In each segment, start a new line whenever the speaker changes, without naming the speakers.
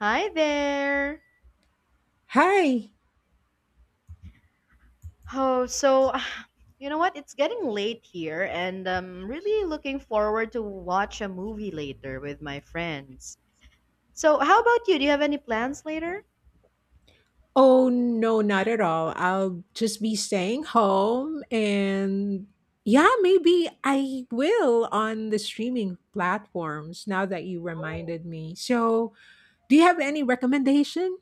Hi there.
Hi.
Oh, so you know what? It's getting late here, and I'm really looking forward to watch a movie later with my friends. So, how about you? Do you have any plans later?
Oh, no, not at all. I'll just be staying home and yeah, maybe I will on the streaming platforms now that you reminded me. So, do you have any recommendation?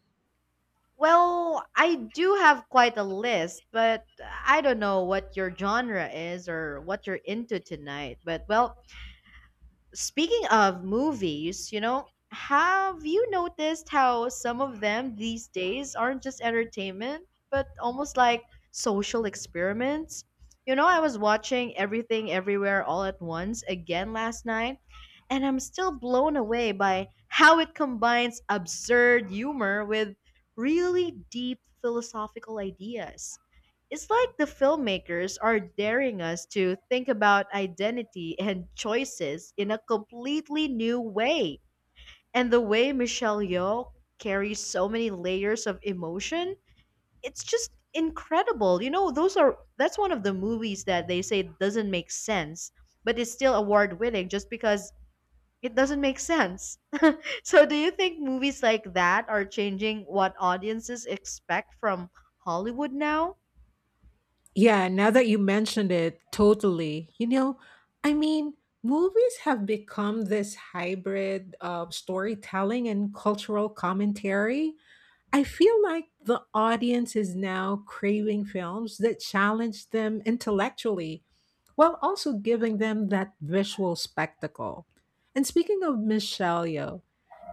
Well, I do have quite a list, but I don't know what your genre is or what you're into tonight. Speaking of movies, you know, have you noticed how some of them these days aren't just entertainment, but almost like social experiments? You know, I was watching Everything Everywhere All at Once again last night, and I'm still blown away by how it combines absurd humor with really deep philosophical ideas. It's like the filmmakers are daring us to think about identity and choices in a completely new way. And the way Michelle Yeoh carries so many layers of emotion, it's just incredible. You know, those are that's one of the movies that they say doesn't make sense, but it's still award-winning just because it doesn't make sense. So, do you think movies like that are changing what audiences expect from Hollywood now?
Yeah, now that you mentioned it, totally. I mean, movies have become this hybrid of storytelling and cultural commentary. I feel like the audience is now craving films that challenge them intellectually while also giving them that visual spectacle. And speaking of Michelle Yeoh,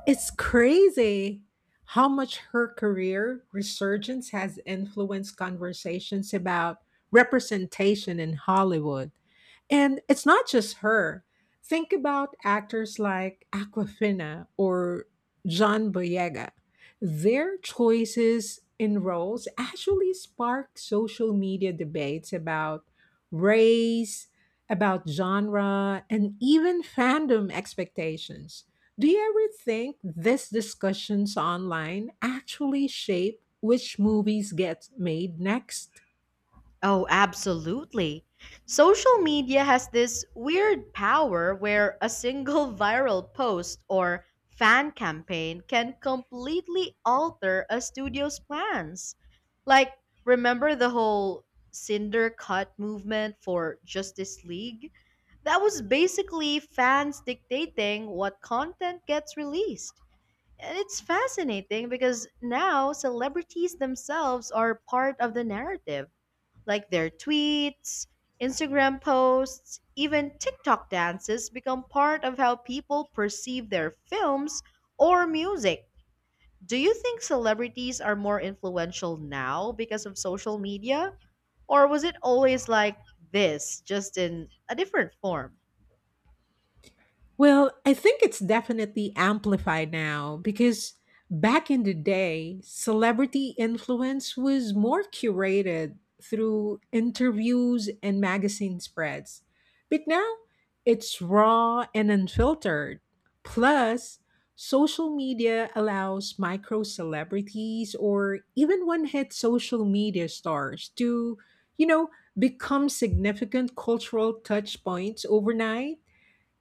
it's crazy how much her career resurgence has influenced conversations about representation in Hollywood. And it's not just her. Think about actors like Aquafina or John Boyega. Their choices in roles actually spark social media debates about race, about genre, and even fandom expectations. Do you ever think these discussions online actually shape which movies get made next?
Oh, absolutely. Social media has this weird power where a single viral post or fan campaign can completely alter a studio's plans. Like, remember the whole Cinder Cut movement for Justice League? That was basically fans dictating what content gets released. And it's fascinating because now celebrities themselves are part of the narrative like their tweets, Instagram posts, even TikTok dances become part of how people perceive their films or music. Do you think celebrities are more influential now because of social media? Or was it always like this, just in a different form?
Well, I think it's definitely amplified now because back in the day, celebrity influence was more curated through interviews and magazine spreads. But now it's raw and unfiltered. Plus, social media allows micro celebrities or even one hit social media stars to, you know, become significant cultural touch points overnight,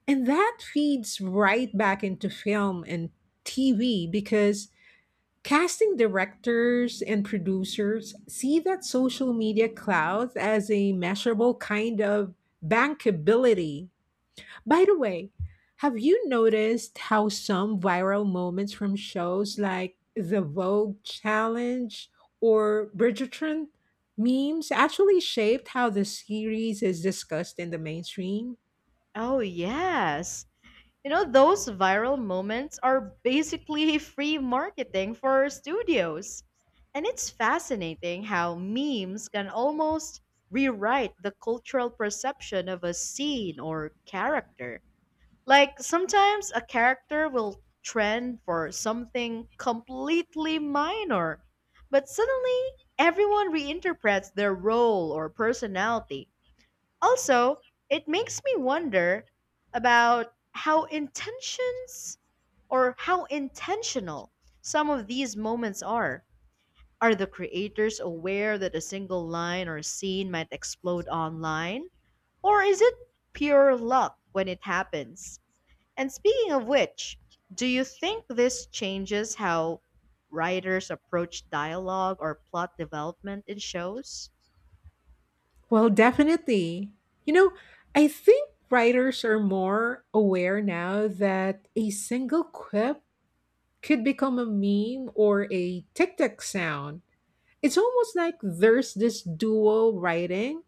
and that feeds right back into film and TV because casting directors and producers see that social media clout as a measurable kind of bankability. By the way, have you noticed how some viral moments from shows like the Vogue Challenge or Bridgerton memes actually shaped how the series is discussed in the mainstream?
Oh, yes. You know, those viral moments are basically free marketing for studios. And it's fascinating how memes can almost rewrite the cultural perception of a scene or character. Like, sometimes a character will trend for something completely minor, but suddenly everyone reinterprets their role or personality. Also, it makes me wonder about how intentions or how intentional some of these moments are. Are the creators aware that a single line or scene might explode online? Or is it pure luck when it happens? And speaking of which, do you think this changes how writers approach dialogue or plot development in shows?
Well, definitely. You know, I think writers are more aware now that a single quip could become a meme or a TikTok sound. It's almost like there's this dual writing,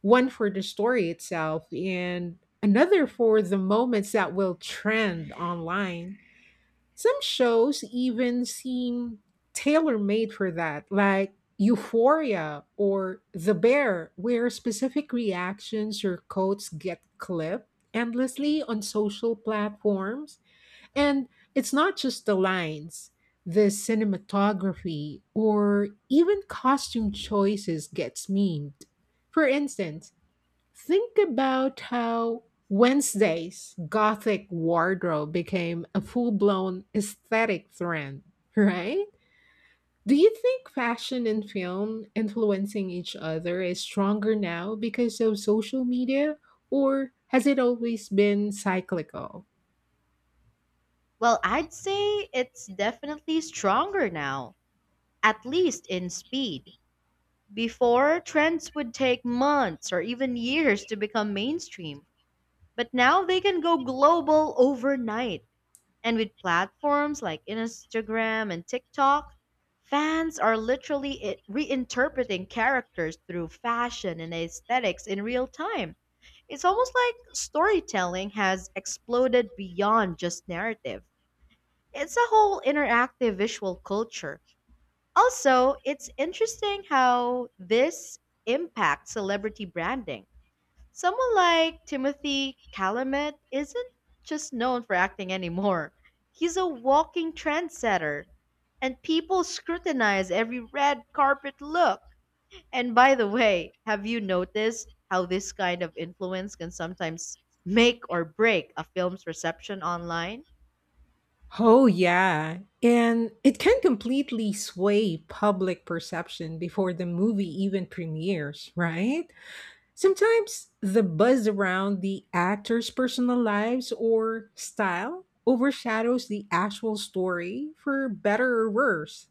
one for the story itself and another for the moments that will trend online. Some shows even seem tailor made for that, like Euphoria or The Bear, where specific reactions or quotes get clipped endlessly on social platforms. And it's not just the lines, the cinematography or even costume choices gets memed. For instance, think about how Wednesday's gothic wardrobe became a full blown aesthetic trend, right? Do you think fashion and film influencing each other is stronger now because of social media, or has it always been cyclical?
Well, I'd say it's definitely stronger now at least in speed. Before, trends would take months or even years to become mainstream, but now they can go global overnight. And with platforms like Instagram and TikTok, fans are literally reinterpreting characters through fashion and aesthetics in real time. It's almost like storytelling has exploded beyond just narrative. It's a whole interactive visual culture also, it's interesting how this impacts celebrity branding. Someone like Timothy Calumet isn't just known for acting anymore. He's a walking trendsetter, and people scrutinize every red carpet look. And by the way, have you noticed how this kind of influence can sometimes make or break a film's reception online?
Oh, yeah. And it can completely sway public perception before the movie even premieres, right? Sometimes the buzz around the actors' personal lives or style overshadows the actual story for better or worse.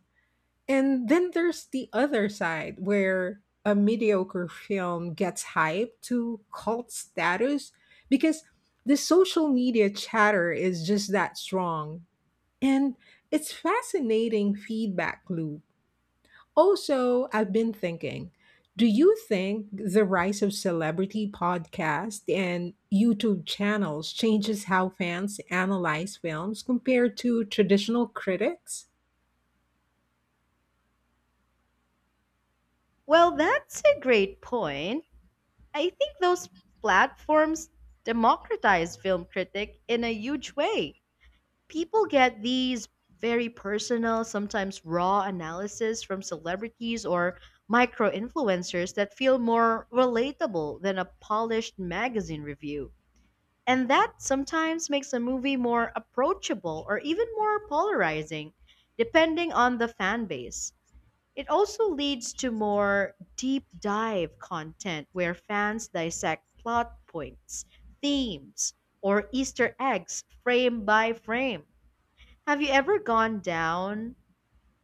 And then there's the other side where a mediocre film gets hyped to cult status because the social media chatter is just that strong. And it's fascinating feedback loop. Also, I've been thinking, do you think the rise of celebrity podcasts and YouTube channels changes how fans analyze films compared to traditional critics?
Well, that's a great point. I think those platforms democratize film critic in a huge way. People get these very personal, sometimes raw analysis from celebrities or micro influencers that feel more relatable than a polished magazine review. And that sometimes makes a movie more approachable or even more polarizing, depending on the fan base. It also leads to more deep dive content where fans dissect plot points, themes, or Easter eggs frame by frame. Have you ever gone down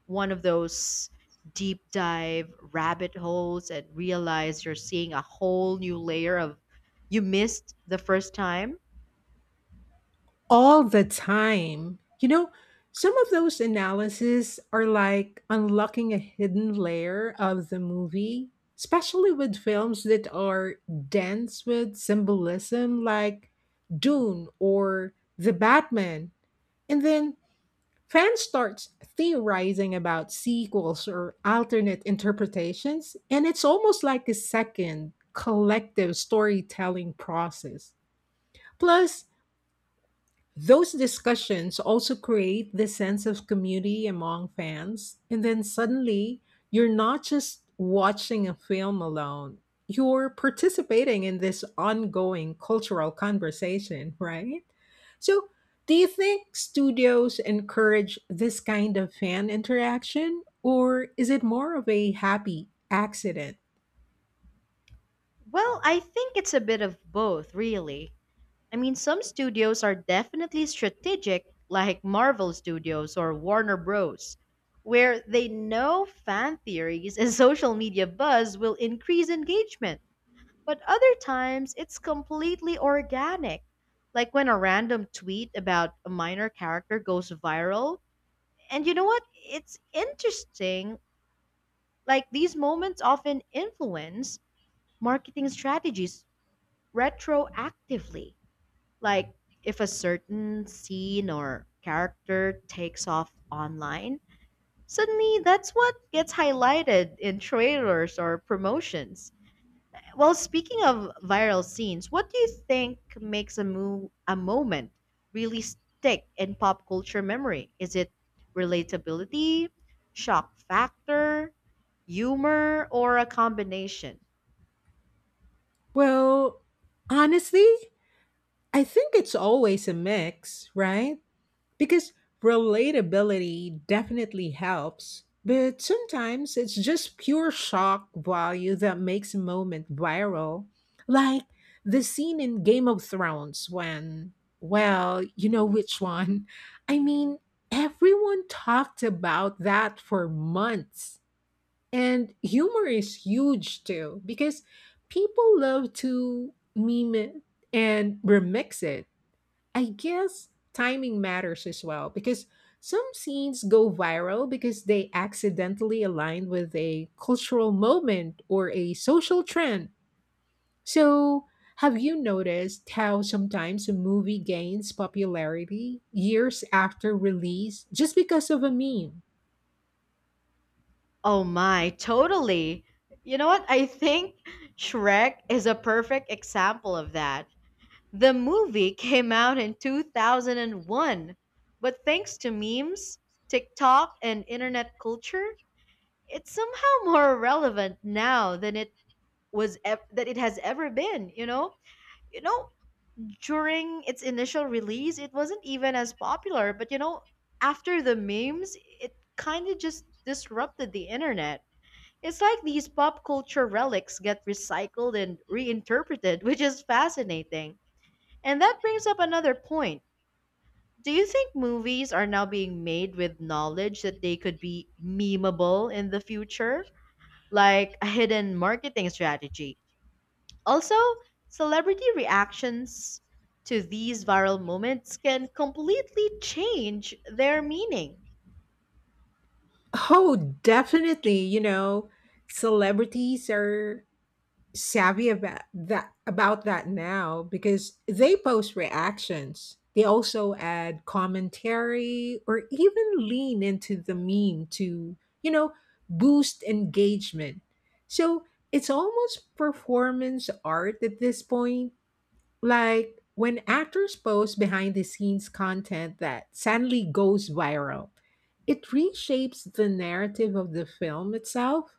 one of those deep dive rabbit holes and realized you're seeing a whole new layer of you missed the first time?
All the time. You know, some of those analyses are like unlocking a hidden layer of the movie, especially with films that are dense with symbolism like Dune or The Batman. And then fans starts theorizing about sequels or alternate interpretations, and it's almost like a second collective storytelling process. Plus, those discussions also create this sense of community among fans, and then suddenly you're not just watching a film alone, you're participating in this ongoing cultural conversation, right? So, do you think studios encourage this kind of fan interaction, or is it more of a happy accident?
Well, I think it's a bit of both, really. I mean, some studios are definitely strategic, like Marvel Studios or Warner Bros., where they know fan theories and social media buzz will increase engagement. But other times, it's completely organic, like when a random tweet about a minor character goes viral. And you know what? It's interesting. Like, these moments often influence marketing strategies retroactively. Like if a certain scene or character takes off online, suddenly that's what gets highlighted in trailers or promotions. Well, speaking of viral scenes, what do you think makes a moment really stick in pop culture memory? Is it relatability, shock factor, humor, or a combination?
Well, honestly, I think it's always a mix, right? Because relatability definitely helps, but sometimes it's just pure shock value that makes a moment viral. Like the scene in Game of Thrones when, well, you know which one. I mean, everyone talked about that for months. And humor is huge too, because people love to meme it and remix it. I guess timing matters as well because some scenes go viral because they accidentally align with a cultural moment or a social trend. So, have you noticed how sometimes a movie gains popularity years after release just because of a meme?
Oh my, totally. You know what? I think Shrek is a perfect example of that. The movie came out in 2001, but thanks to memes, TikTok, and internet culture, it's somehow more relevant now than that it has ever been, you know? You know, during its initial release, it wasn't even as popular, but you know, after the memes, it kind of just disrupted the internet it's like these pop culture relics get recycled and reinterpreted, which is fascinating. And that brings up another point. Do you think movies are now being made with knowledge that they could be memeable in the future? Like a hidden marketing strategy. Also, celebrity reactions to these viral moments can completely change their meaning.
Oh, definitely. You know, celebrities are savvy about that now because they post reactions. They also add commentary or even lean into the meme to, you know, boost engagement. So it's almost performance art at this point. Like when actors post behind the scenes content that suddenly goes viral, it reshapes the narrative of the film itself,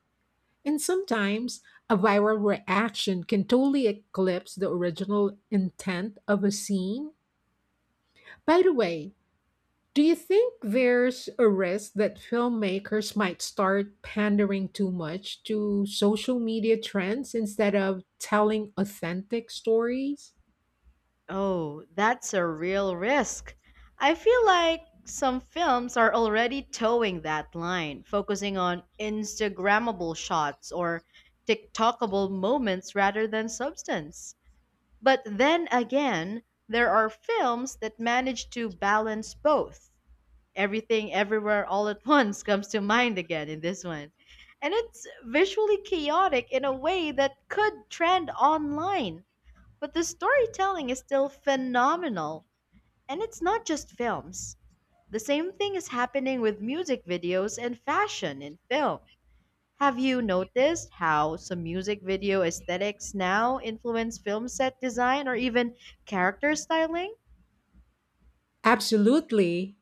and sometimes a viral reaction can totally eclipse the original intent of a scene. By the way, do you think there's a risk that filmmakers might start pandering too much to social media trends instead of telling authentic stories?
Oh, that's a real risk. I feel like some films are already towing that line, focusing on Instagrammable shots or TikTokable moments rather than substance. But then again, there are films that manage to balance both. Everything Everywhere All at Once comes to mind again in this one. And it's visually chaotic in a way that could trend online but the storytelling is still phenomenal. And it's not just films. The same thing is happening with music videos and fashion in film. Have you noticed how some music video aesthetics now influence film set design or even character styling?
Absolutely.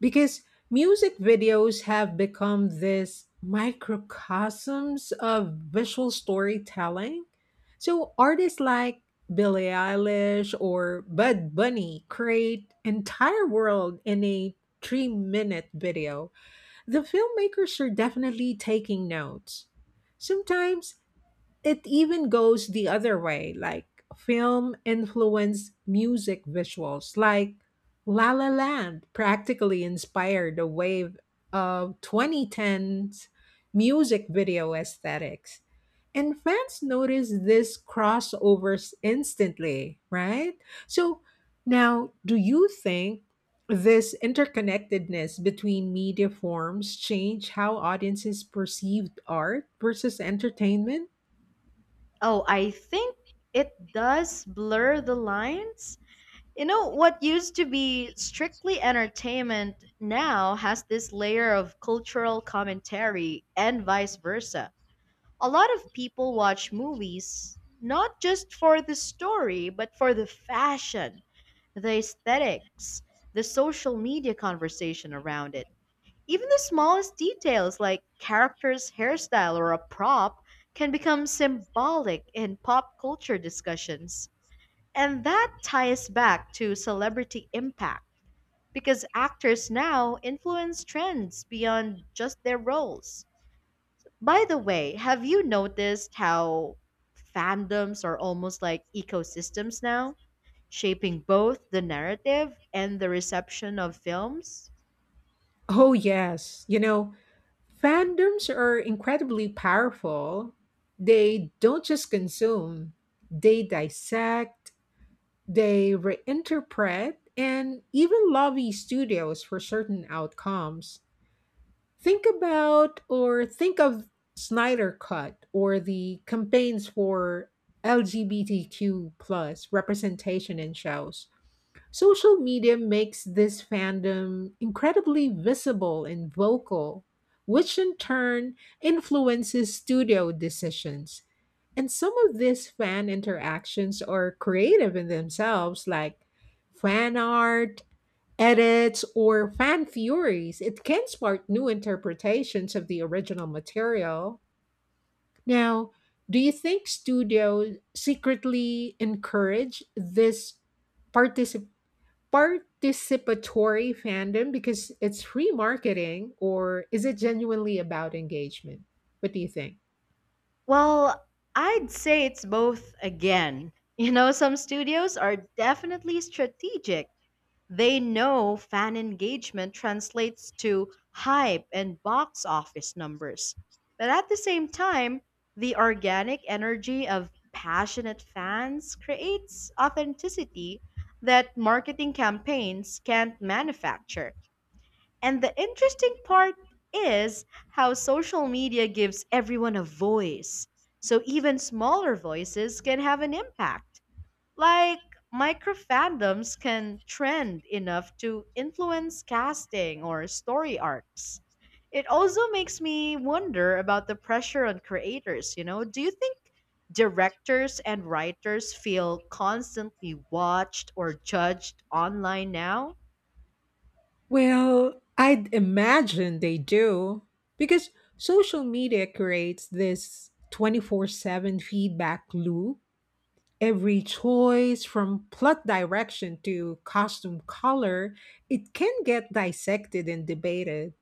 Because music videos have become this microcosms of visual storytelling. So artists like Billie Eilish or Bud Bunny create entire world in a 3-minute video. The filmmakers are definitely taking notes. Sometimes it even goes the other way, like film influenced music visuals like La La Land practically inspired the wave of 2010's music video aesthetics, and fans notice this crossovers instantly, right? So now, do you think this interconnectedness between media forms change how audiences perceived art versus entertainment?
Oh, I think it does blur the lines. You know, what used to be strictly entertainment now has this layer of cultural commentary and vice versa. A lot of people watch movies not just for the story, but for the fashion, the aesthetics, the social media conversation around it. Even the smallest details like character's hairstyle or a prop can become symbolic in pop culture discussions. And that ties back to celebrity impact because actors now influence trends beyond just their roles. By the way, have you noticed how fandoms are almost like ecosystems now, shaping both the narrative and the reception of films?
Oh, yes. You know, fandoms are incredibly powerful. They don't just consume, they dissect, they reinterpret, and even lobby studios for certain outcomes. Think about or think of Snyder Cut or the campaigns for LGBTQ plus representation in shows. Social media makes this fandom incredibly visible and vocal, which in turn influences studio decisions. And some of these fan interactions are creative in themselves, like fan art, edits, or fan theories. It can spark new interpretations of the original material. Now, do you think studios secretly encourage this particip participatory fandom because it's free marketing or is it genuinely about engagement? What do you think?
Well, I'd say it's both again. You know, some studios are definitely strategic They know fan engagement translates to hype and box office numbers. But at the same time, the organic energy of passionate fans creates authenticity that marketing campaigns can't manufacture. And the interesting part is how social media gives everyone a voice. So even smaller voices can have an impact. Like, micro fandoms can trend enough to influence casting or story arcs. It also makes me wonder about the pressure on creators, you know? Do you think directors and writers feel constantly watched or judged online now?
Well, I'd imagine they do because social media creates this 24/7 feedback loop. Every choice, from plot direction to costume color, it can get dissected and debated.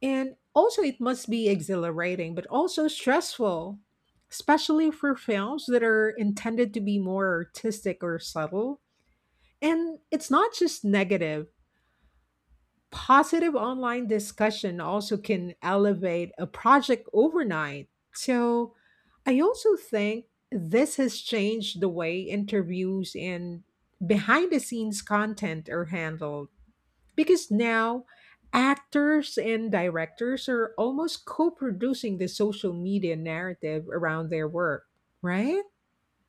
And also, it must be exhilarating, but also stressful, especially for films that are intended to be more artistic or subtle. And it's not just negative, positive online discussion also can elevate a project overnight. So, I also think this has changed the way interviews and behind the scenes content are handled because now actors and directors are almost co producing the social media narrative around their work, right?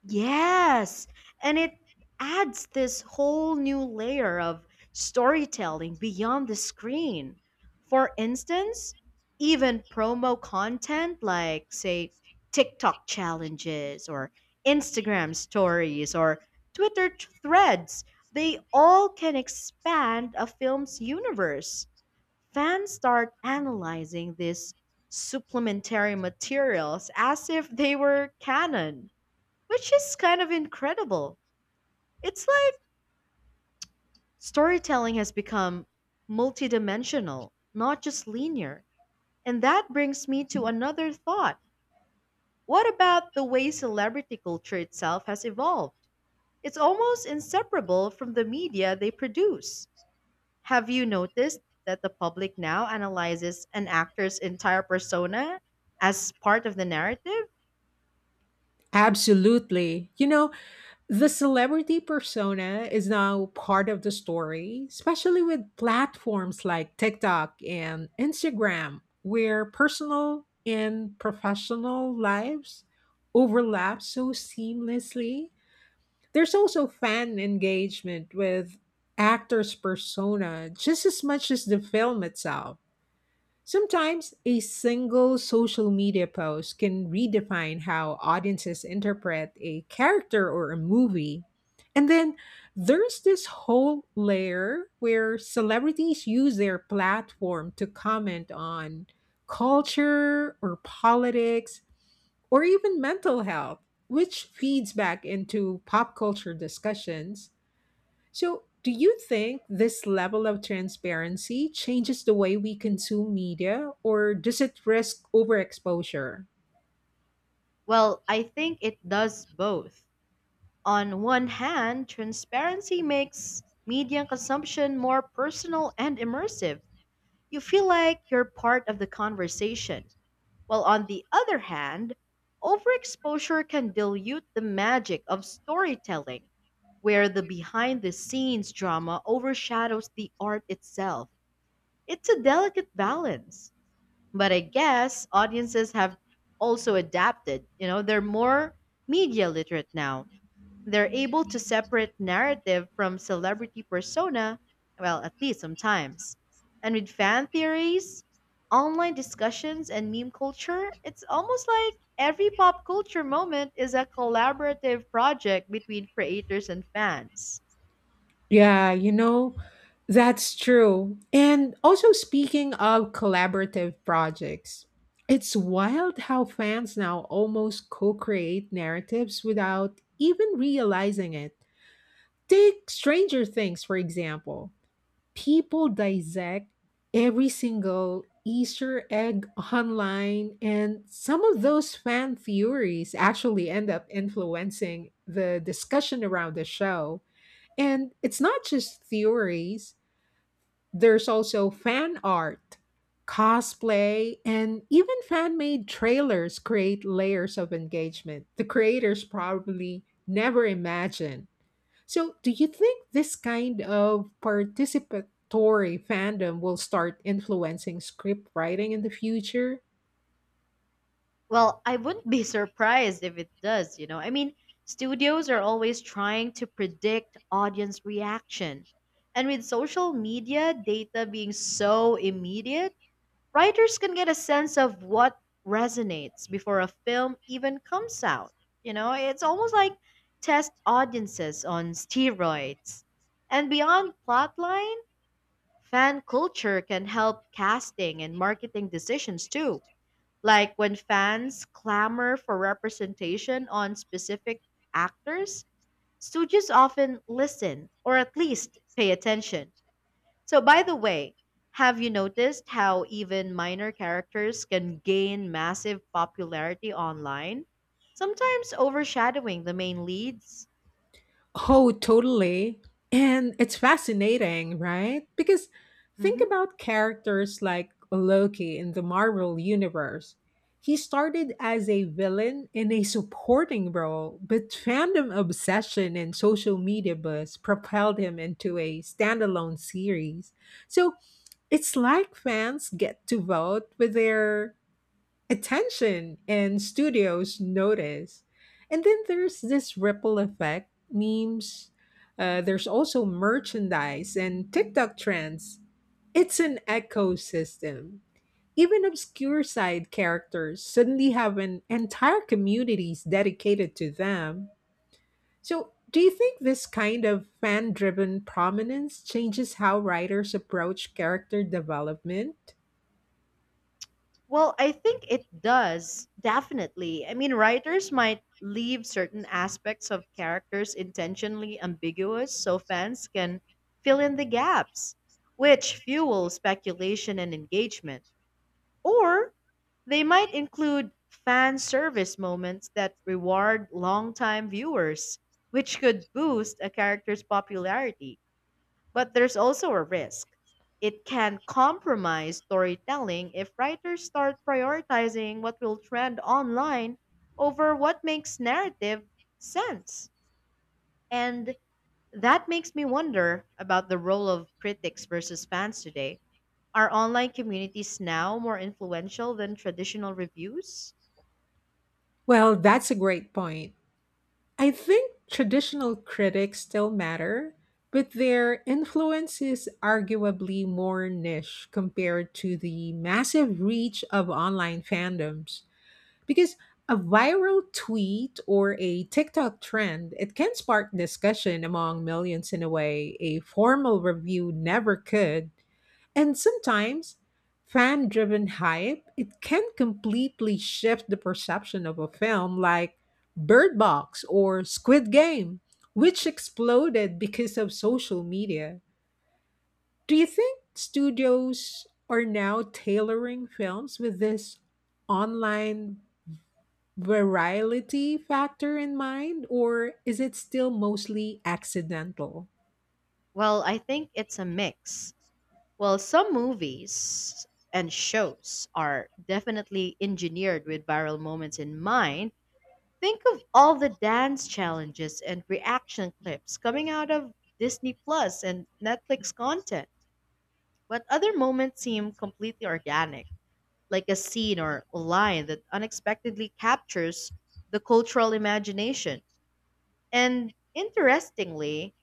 Yes, and it adds this whole new layer of storytelling beyond the screen. For instance, even promo content like, say, TikTok challenges or Instagram stories or Twitter threads, they all can expand a film's universe. Fans start analyzing these supplementary materials as if they were canon which is kind of incredible. It's like storytelling has become multidimensional, not just linear. And that brings me to another thought. What about the way celebrity culture itself has evolved? It's almost inseparable from the media they produce. Have you noticed that the public now analyzes an actor's entire persona as part of the narrative?
Absolutely. You know, the celebrity persona is now part of the story, especially with platforms like TikTok and Instagram, where personal and professional lives overlap so seamlessly. There's also fan engagement with actors' persona just as much as the film itself. Sometimes a single social media post can redefine how audiences interpret a character or a movie. And then there's this whole layer where celebrities use their platform to comment on culture or politics or even mental health, which feeds back into pop culture discussions. So, do you think this level of transparency changes the way we consume media, or does it risk overexposure?
Well, I think it does both. On one hand, transparency makes media consumption more personal and immersive. You feel like you're part of the conversation. While on the other hand, overexposure can dilute the magic of storytelling, where the behind the scenes drama overshadows the art itself. It's a delicate balance. But I guess audiences have also adapted. You know, they're more media literate now they're able to separate narrative from celebrity persona, well, at least sometimes. And with fan theories, online discussions, and meme culture, it's almost like every pop culture moment is a collaborative project between creators and fans.
Yeah, you know, that's true. And also, speaking of collaborative projects, it's wild how fans now almost co create narratives without even realizing it. Take Stranger Things, for example. People dissect every single Easter egg online, and some of those fan theories actually end up influencing the discussion around the show. And it's not just theories, there's also fan art, cosplay, and even fan made trailers create layers of engagement the creators probably never imagined. So, do you think this kind of participatory fandom will start influencing script writing in the future?
Well, I wouldn't be surprised if it does, you know. I mean, studios are always trying to predict audience reaction. And with social media data being so immediate, writers can get a sense of what resonates before a film even comes out. You know, it's almost like test audiences on steroids. And beyond plotline, fan culture can help casting and marketing decisions too. Like when fans clamor for representation on specific actors, studios often listen or at least pay attention. So, by the way, have you noticed how even minor characters can gain massive popularity online, sometimes overshadowing the main leads?
Oh, totally. And it's fascinating, right? Because think
Hmm.
about characters like Loki in the Marvel Universe. He started as a villain in a supporting role, but fandom obsession and social media buzz propelled him into a standalone series. So it's like fans get to vote with their attention and studios notice. And then there's this ripple effect memes. There's also merchandise and TikTok trends. It's an ecosystem. Even obscure side characters suddenly have an entire communities dedicated to them. So, do you think this kind of fan driven prominence changes how writers approach character development?
Well, I think it does, definitely. I mean, writers might leave certain aspects of characters intentionally ambiguous so fans can fill in the gaps, which fuels speculation and engagement. Or they might include fan service moments that reward longtime viewers, which could boost a character's popularity. But there's also a risk. It can compromise storytelling if writers start prioritizing what will trend online over what makes narrative sense. And that makes me wonder about the role of critics versus fans today are online communities now more influential than traditional reviews?
Well, that's a great point. I think traditional critics still matter, but their influence is arguably more niche compared to the massive reach of online fandoms. Because a viral tweet or a TikTok trend, it can spark discussion among millions in a way a formal review never could. And sometimes fan driven hype, it can completely shift the perception of a film like Bird Box or Squid Game, which exploded because of social media. Do you think studios are now tailoring films with this online virality factor in mind, or is it still mostly accidental?
Well, I think it's a mix. Well, some movies and shows are definitely engineered with viral moments in mind. Think of all the dance challenges and reaction clips coming out of Disney Plus and Netflix content. But other moments seem completely organic, like a scene or a line that unexpectedly captures the cultural imagination. And interestingly,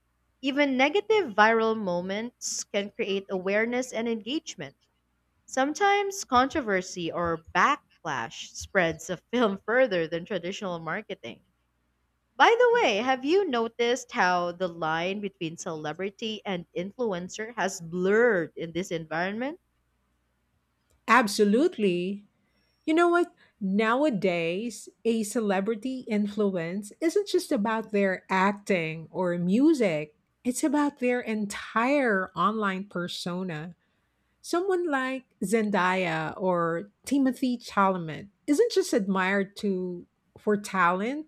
even negative viral moments can create awareness and engagement. Sometimes controversy or backlash spreads a film further than traditional marketing. By the way, have you noticed how the line between celebrity and influencer has blurred in this environment?
Absolutely. You know what? Nowadays, a celebrity influence isn't just about their acting or music, it's about their entire online persona. Someone like Zendaya or Timothy Chalamet isn't just admired to for talent.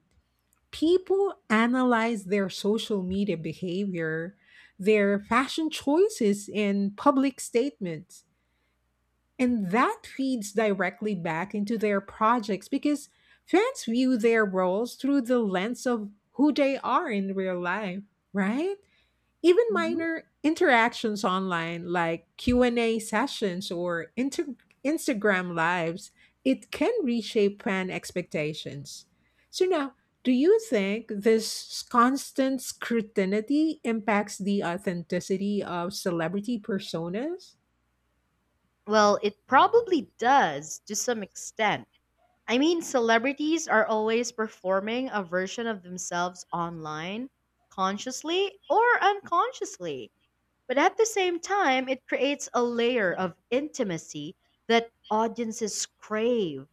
People analyze their social media behavior, their fashion choices and public statements, and that feeds directly back into their projects because fans view their roles through the lens of who they are in real life, right? Even
Mhm.
minor interactions online like Q&A sessions or Instagram lives, it can reshape fan expectations. So now, do you think this constant scrutiny impacts the authenticity of celebrity personas?
Well, it probably does to some extent I mean, celebrities are always performing a version of themselves online, consciously or unconsciously. But at the same time, it creates a layer of intimacy that audiences crave,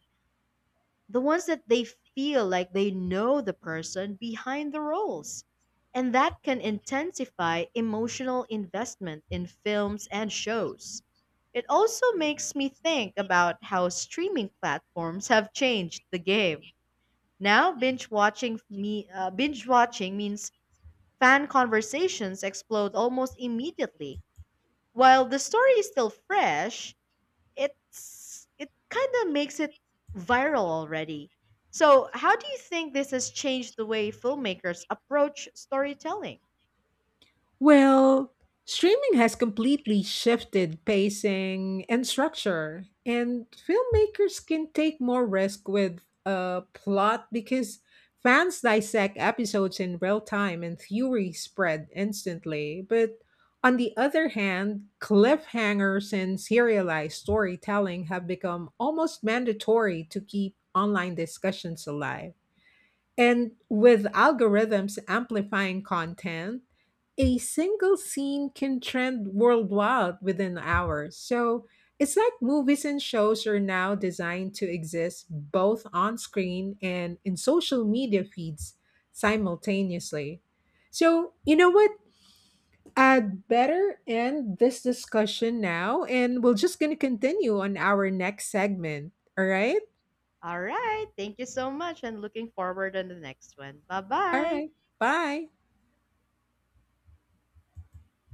the ones that they feel like they know the person behind the roles. And that can intensify emotional investment in films and shows. It also makes me think about how streaming platforms have changed the game. Now, binge watching means fan conversations explode almost immediately. While the story is still fresh, it kind of makes it viral already. So, how do you think this has changed the way filmmakers approach storytelling?
Well, streaming has completely shifted pacing and structure, and filmmakers can take more risk with a plot because fans dissect episodes in real time and theory spread instantly. But on the other hand, cliffhangers and serialized storytelling have become almost mandatory to keep online discussions alive. And with algorithms amplifying content, a single scene can trend worldwide within hours. So it's like movies and shows are now designed to exist both on screen and in social media feeds simultaneously. So, you know what? I'd better end this discussion now, and we're just going to continue on our next segment. All right?
All right, thank you so much and looking forward on the next one.
All
Bye-bye.
right. Bye.